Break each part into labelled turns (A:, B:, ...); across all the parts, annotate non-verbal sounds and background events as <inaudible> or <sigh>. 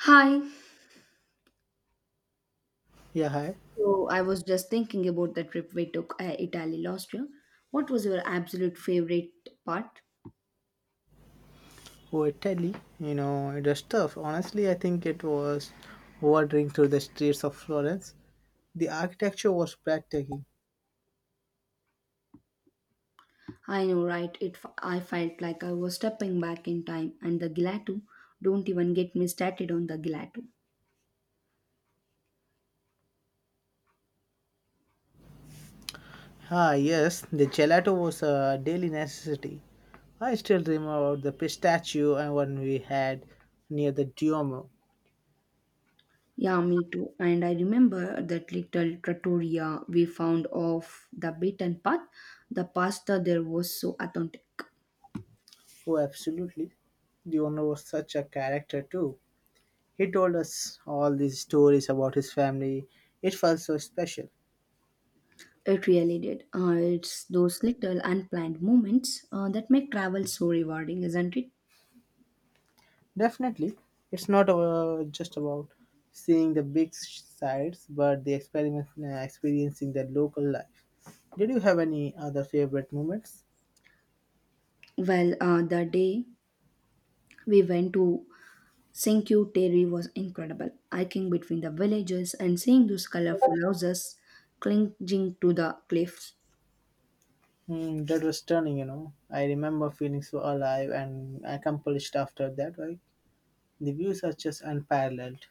A: Hi.
B: Yeah, hi.
A: So I was just thinking about the trip we took Italy last year. What was your absolute favorite part?
B: Oh, Italy, you know, it was tough. Honestly, I think it was wandering through the streets of Florence. The architecture was breathtaking.
A: I know, right? I felt like I was stepping back in time, and the gelato. Don't even get me started on the gelato.
B: Ah, yes, the gelato was a daily necessity. I still remember the pistachio and one we had near the Duomo.
A: Yeah, me too. And I remember that little trattoria we found off the beaten path. The pasta there was so authentic.
B: Oh, absolutely. The owner was such a character, too. He told us all these stories about his family. It felt so special.
A: It really did. It's those little unplanned moments that make travel so rewarding, isn't it?
B: Definitely, it's not just about seeing the big sights, but the experiencing the local life. Did you have any other favorite moments?
A: Well, the day we went to Cinque Terre was incredible. Hiking between the villages and seeing those colorful houses clinging to the cliffs,
B: Mm, that was stunning, you know. I remember feeling so alive and accomplished after that, right? The views are just unparalleled.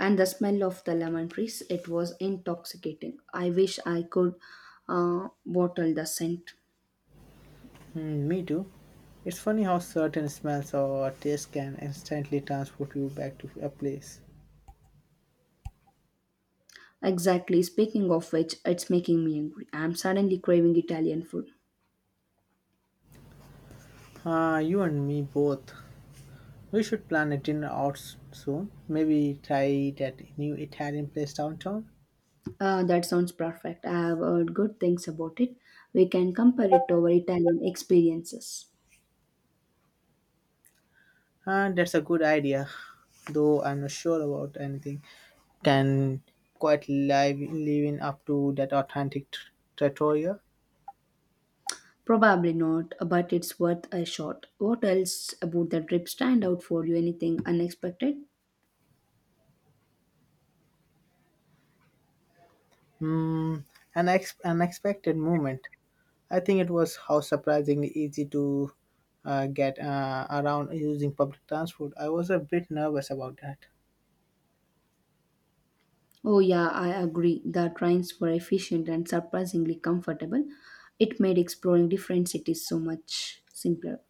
A: and the smell of the lemon trees, it was intoxicating. I wish I could bottle the scent.
B: Mm, me too. It's funny how certain smells or tastes can instantly transport you back to a place.
A: Exactly. Speaking of which, it's making me angry. I'm suddenly craving Italian food.
B: Ah, you and me both. We should plan a dinner out soon. Maybe try that new Italian place downtown.
A: That sounds perfect. I have heard good things about it. We can compare it to our Italian experiences.
B: That's a good idea, though I'm not sure about anything. Can quite live living up to that authentic trattoria.
A: Probably not, but it's worth a shot. What else about the trip stand out for you? Anything unexpected?
B: Mm, unexpected moment. I think it was how surprisingly easy to get around using public transport. I was a bit nervous about that.
A: Oh, yeah, I agree. The trains were efficient and surprisingly comfortable. It made exploring different cities so much simpler.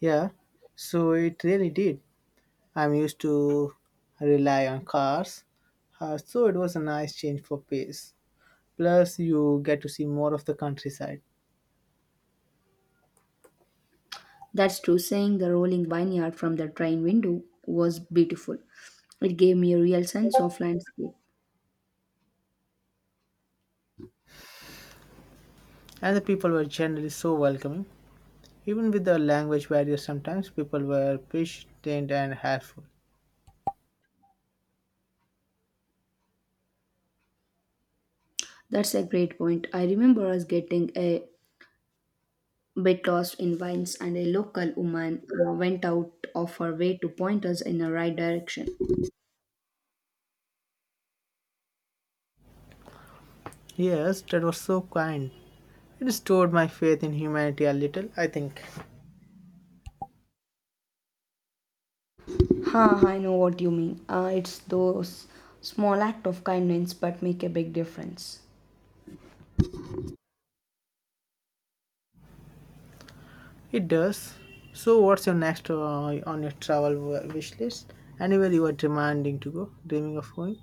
B: Yeah, so it really did. I'm used to rely on cars, so it was a nice change for pace. Plus, you get to see more of the countryside,
A: That's true, saying the rolling vineyard from the train window was beautiful. It gave me a real sense of landscape.
B: and the people were generally so welcoming. Even with the language barrier. Sometimes people were patient and helpful.
A: That's a great point. I remember us getting a bit lost in vines, and a local woman went out of her way to point us in the right direction.
B: Yes, that was so kind. It restored my faith in humanity a little. I think
A: Ha, I know what you mean. It's those small act of kindness but make a big difference.
B: it does. So, what's your next on your travel wish list? Anywhere you are demanding to go, dreaming of going?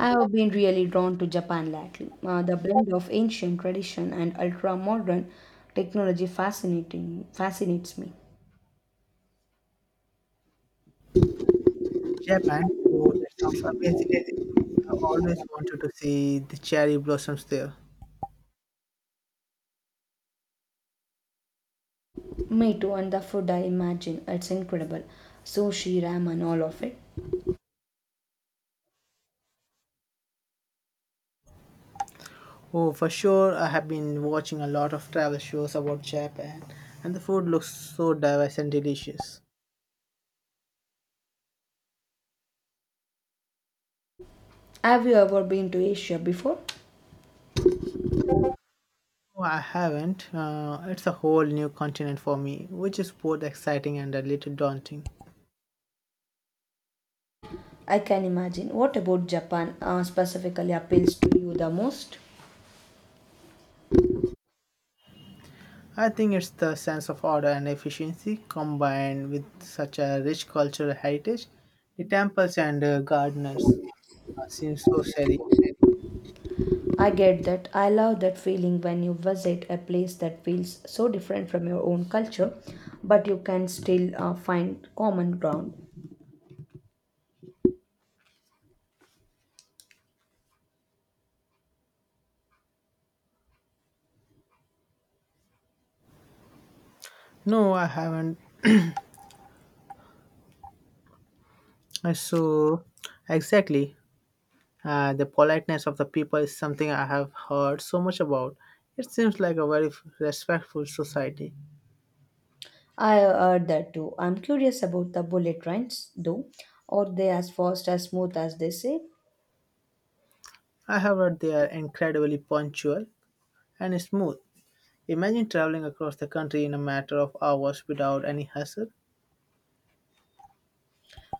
A: I have been really drawn to Japan lately. The blend of ancient tradition and ultra-modern technology fascinating fascinates me.
B: Japan. Oh, that sounds amazing. I've always wanted to see the cherry blossoms there.
A: Me too, and the food, I imagine it's incredible. Sushi, ramen, all of it.
B: Oh, for sure, I have been watching a lot of travel shows about Japan, and the food looks so diverse and delicious.
A: Have you ever been to Asia before?
B: Oh, I haven't. It's a whole new continent for me, which is both exciting and a little daunting.
A: I can imagine. What about Japan specifically appeals to you the most?
B: I think it's the sense of order and efficiency combined with such a rich cultural heritage. The temples and gardeners seem so serene.
A: I get that. I love that feeling when you visit a place that feels so different from your own culture, but you can still find common ground.
B: No, I haven't. So, exactly. The politeness of the people is something I have heard so much about. It seems like a very respectful society.
A: I heard that too. I'm curious about the bullet trains, though. Are they as fast as smooth as they say?
B: I have heard they are incredibly punctual and smooth. Imagine traveling across the country in a matter of hours without any hassle.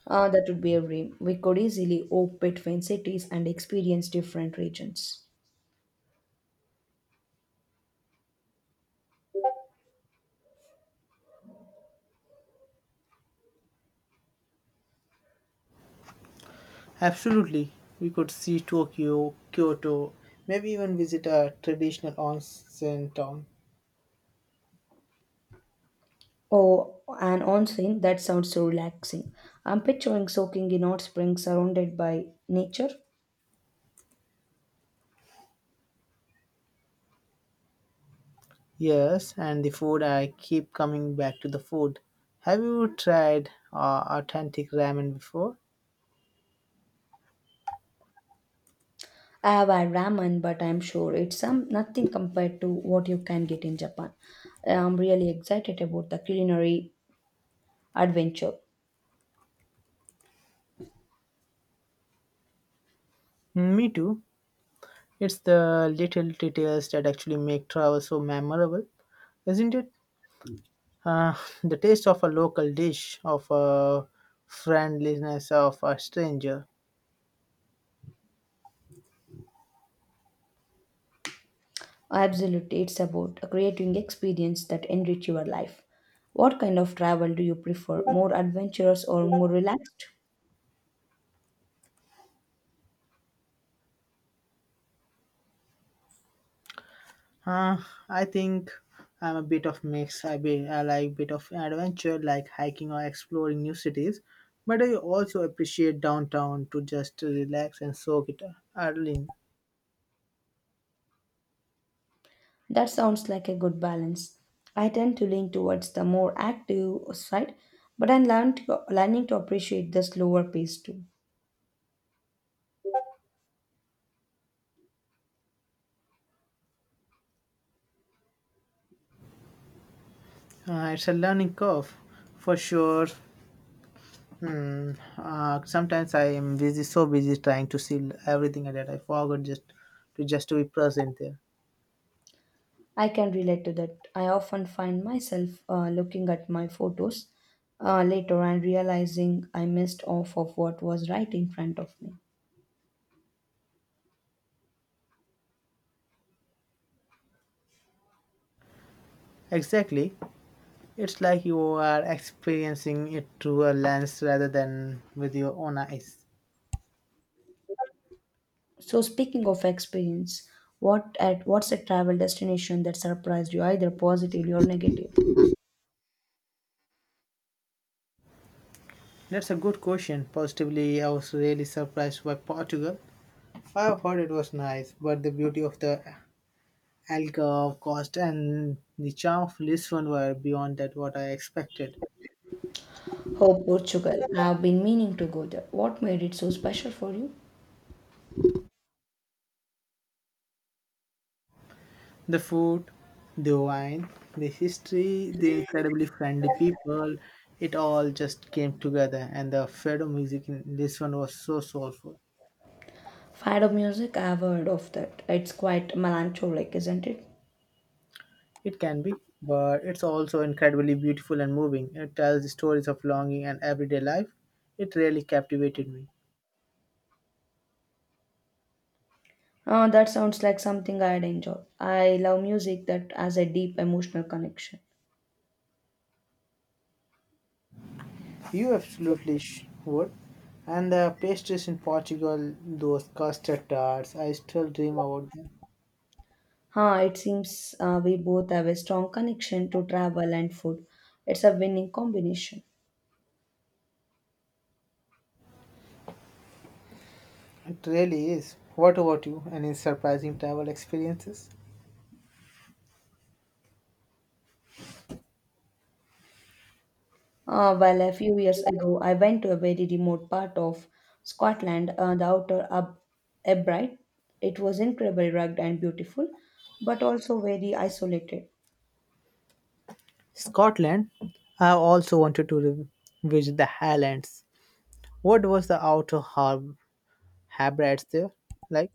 A: That would be a dream. We could easily hop between cities and experience different regions.
B: Absolutely, we could see Tokyo, Kyoto, maybe even visit a traditional onsen town.
A: Oh, an onsen, that sounds so relaxing. I'm picturing soaking in hot springs surrounded by nature.
B: Yes, and the food, I keep coming back to the food. Have you tried authentic ramen before?
A: I have had ramen, but I'm sure it's some nothing compared to what you can get in Japan. I'm really excited about the culinary adventure.
B: Me too. It's the little details that actually make travel so memorable, isn't it? Uh, <laughs> the taste of a local dish, of a friendliness of a stranger.
A: Absolutely, it's about creating experience that enrich your life. What kind of travel do you prefer, more adventurous or more relaxed?
B: Uh, I think I'm a bit of mix. I like bit of adventure, like hiking or exploring new cities, but I also appreciate downtown to just relax and soak it early.
A: That sounds like a good balance. I tend to lean towards the more active side, but learning to appreciate the slower pace too.
B: It's a learning curve, for sure. Hmm. Sometimes I am busy, so busy trying to see everything that I forgot just to be present there.
A: I can relate to that. I often find myself looking at my photos later and realizing I missed off of what was right in front of me.
B: Exactly. It's like you are experiencing it through a lens rather than with your own eyes.
A: So speaking of experience, what's a travel destination that surprised you, either positively or negative?
B: That's a good question. Positively, I was really surprised by Portugal. I've heard it was nice, but the beauty of the alcohol cost and the charm of Lisbon were beyond that what I expected.
A: Oh, Portugal. I've been meaning to go there. What made it so special for you?
B: The food, the wine, the history, the incredibly friendly people, it all just came together. And the Fado music in this one was so soulful.
A: Fado music, I've heard of that. It's quite melancholic, isn't it?
B: It can be, but it's also incredibly beautiful and moving. It tells the stories of longing and everyday life. It really captivated me.
A: That sounds like something I'd enjoy. I love music that has a deep emotional connection.
B: You absolutely would. And the pastries in Portugal, those custard tarts, I still dream about them.
A: Huh, it seems we both have a strong connection to travel and food. It's a winning combination.
B: It really is. What about you? Any surprising travel experiences?
A: Well, a few years ago, I went to a very remote part of Scotland, Abbright. It was incredibly rugged and beautiful, but also very isolated.
B: Scotland, I also wanted to visit the Highlands. What was the outer habitats there like?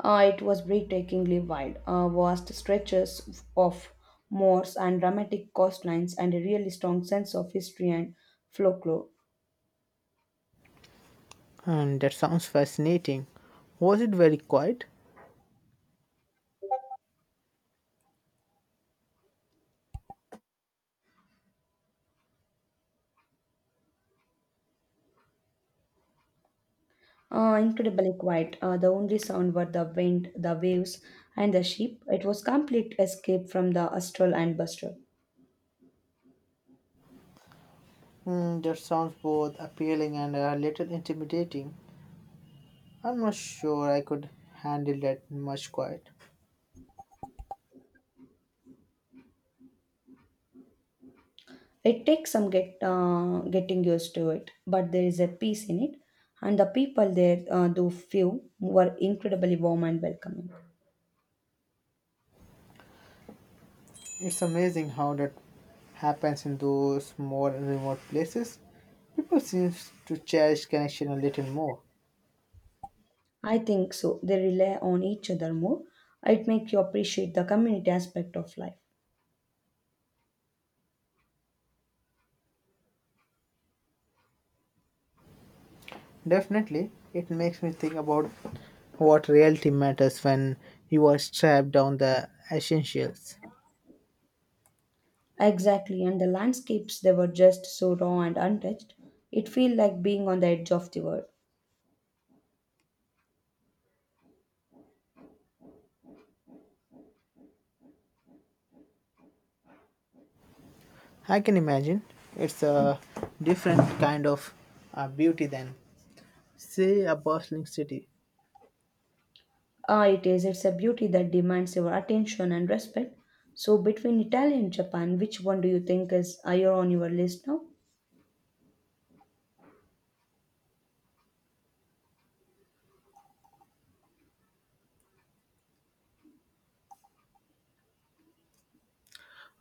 A: It was breathtakingly wild. Vast stretches of moors and dramatic coastlines, and a really strong sense of history and folklore.
B: And that sounds fascinating. Was it very quiet?
A: Incredibly quiet. The only sound were the wind, the waves, and the sheep. It was complete escape from the hustle and bustle.
B: Mm, that sounds both appealing and a little intimidating. I'm not sure I could handle that much quiet.
A: It takes some getting used to it, but there is a peace in it, and the people there, though few, were incredibly warm and welcoming.
B: It's amazing how that happens in those more remote places. People seem to cherish connection a little more.
A: I think so. They rely on each other more. It makes you appreciate the community aspect of life.
B: Definitely, it makes me think about what reality matters when you are strapped down the essentials.
A: Exactly, and the landscapes they were just so raw and untouched. It feels like being on the edge of the world.
B: I can imagine it's a different kind of beauty than, say, a bustling city.
A: Ah, it is. It's a beauty that demands your attention and respect. So, between Italy and Japan, which one do you think is higher on your list now?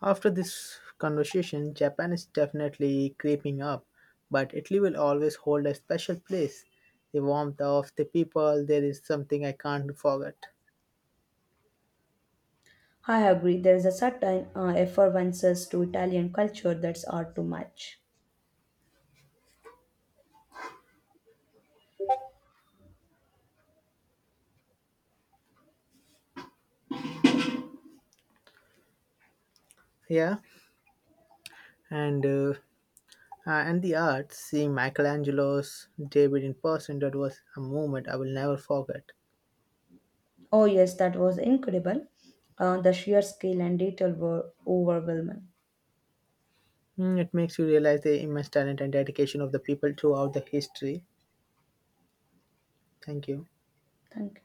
B: After this conversation, Japan is definitely creeping up, but Italy will always hold a special place. The warmth of the people, there is something I can't forget.
A: I agree. There is a certain effervescence to Italian culture that's hard to match.
B: Yeah, and uh, and the art, seeing Michelangelo's David in person, that was a moment I will never forget.
A: Oh, yes, that was incredible. The sheer scale and detail were overwhelming.
B: Mm, it makes you realize the immense talent and dedication of the people throughout the history. Thank you.
A: Thank you.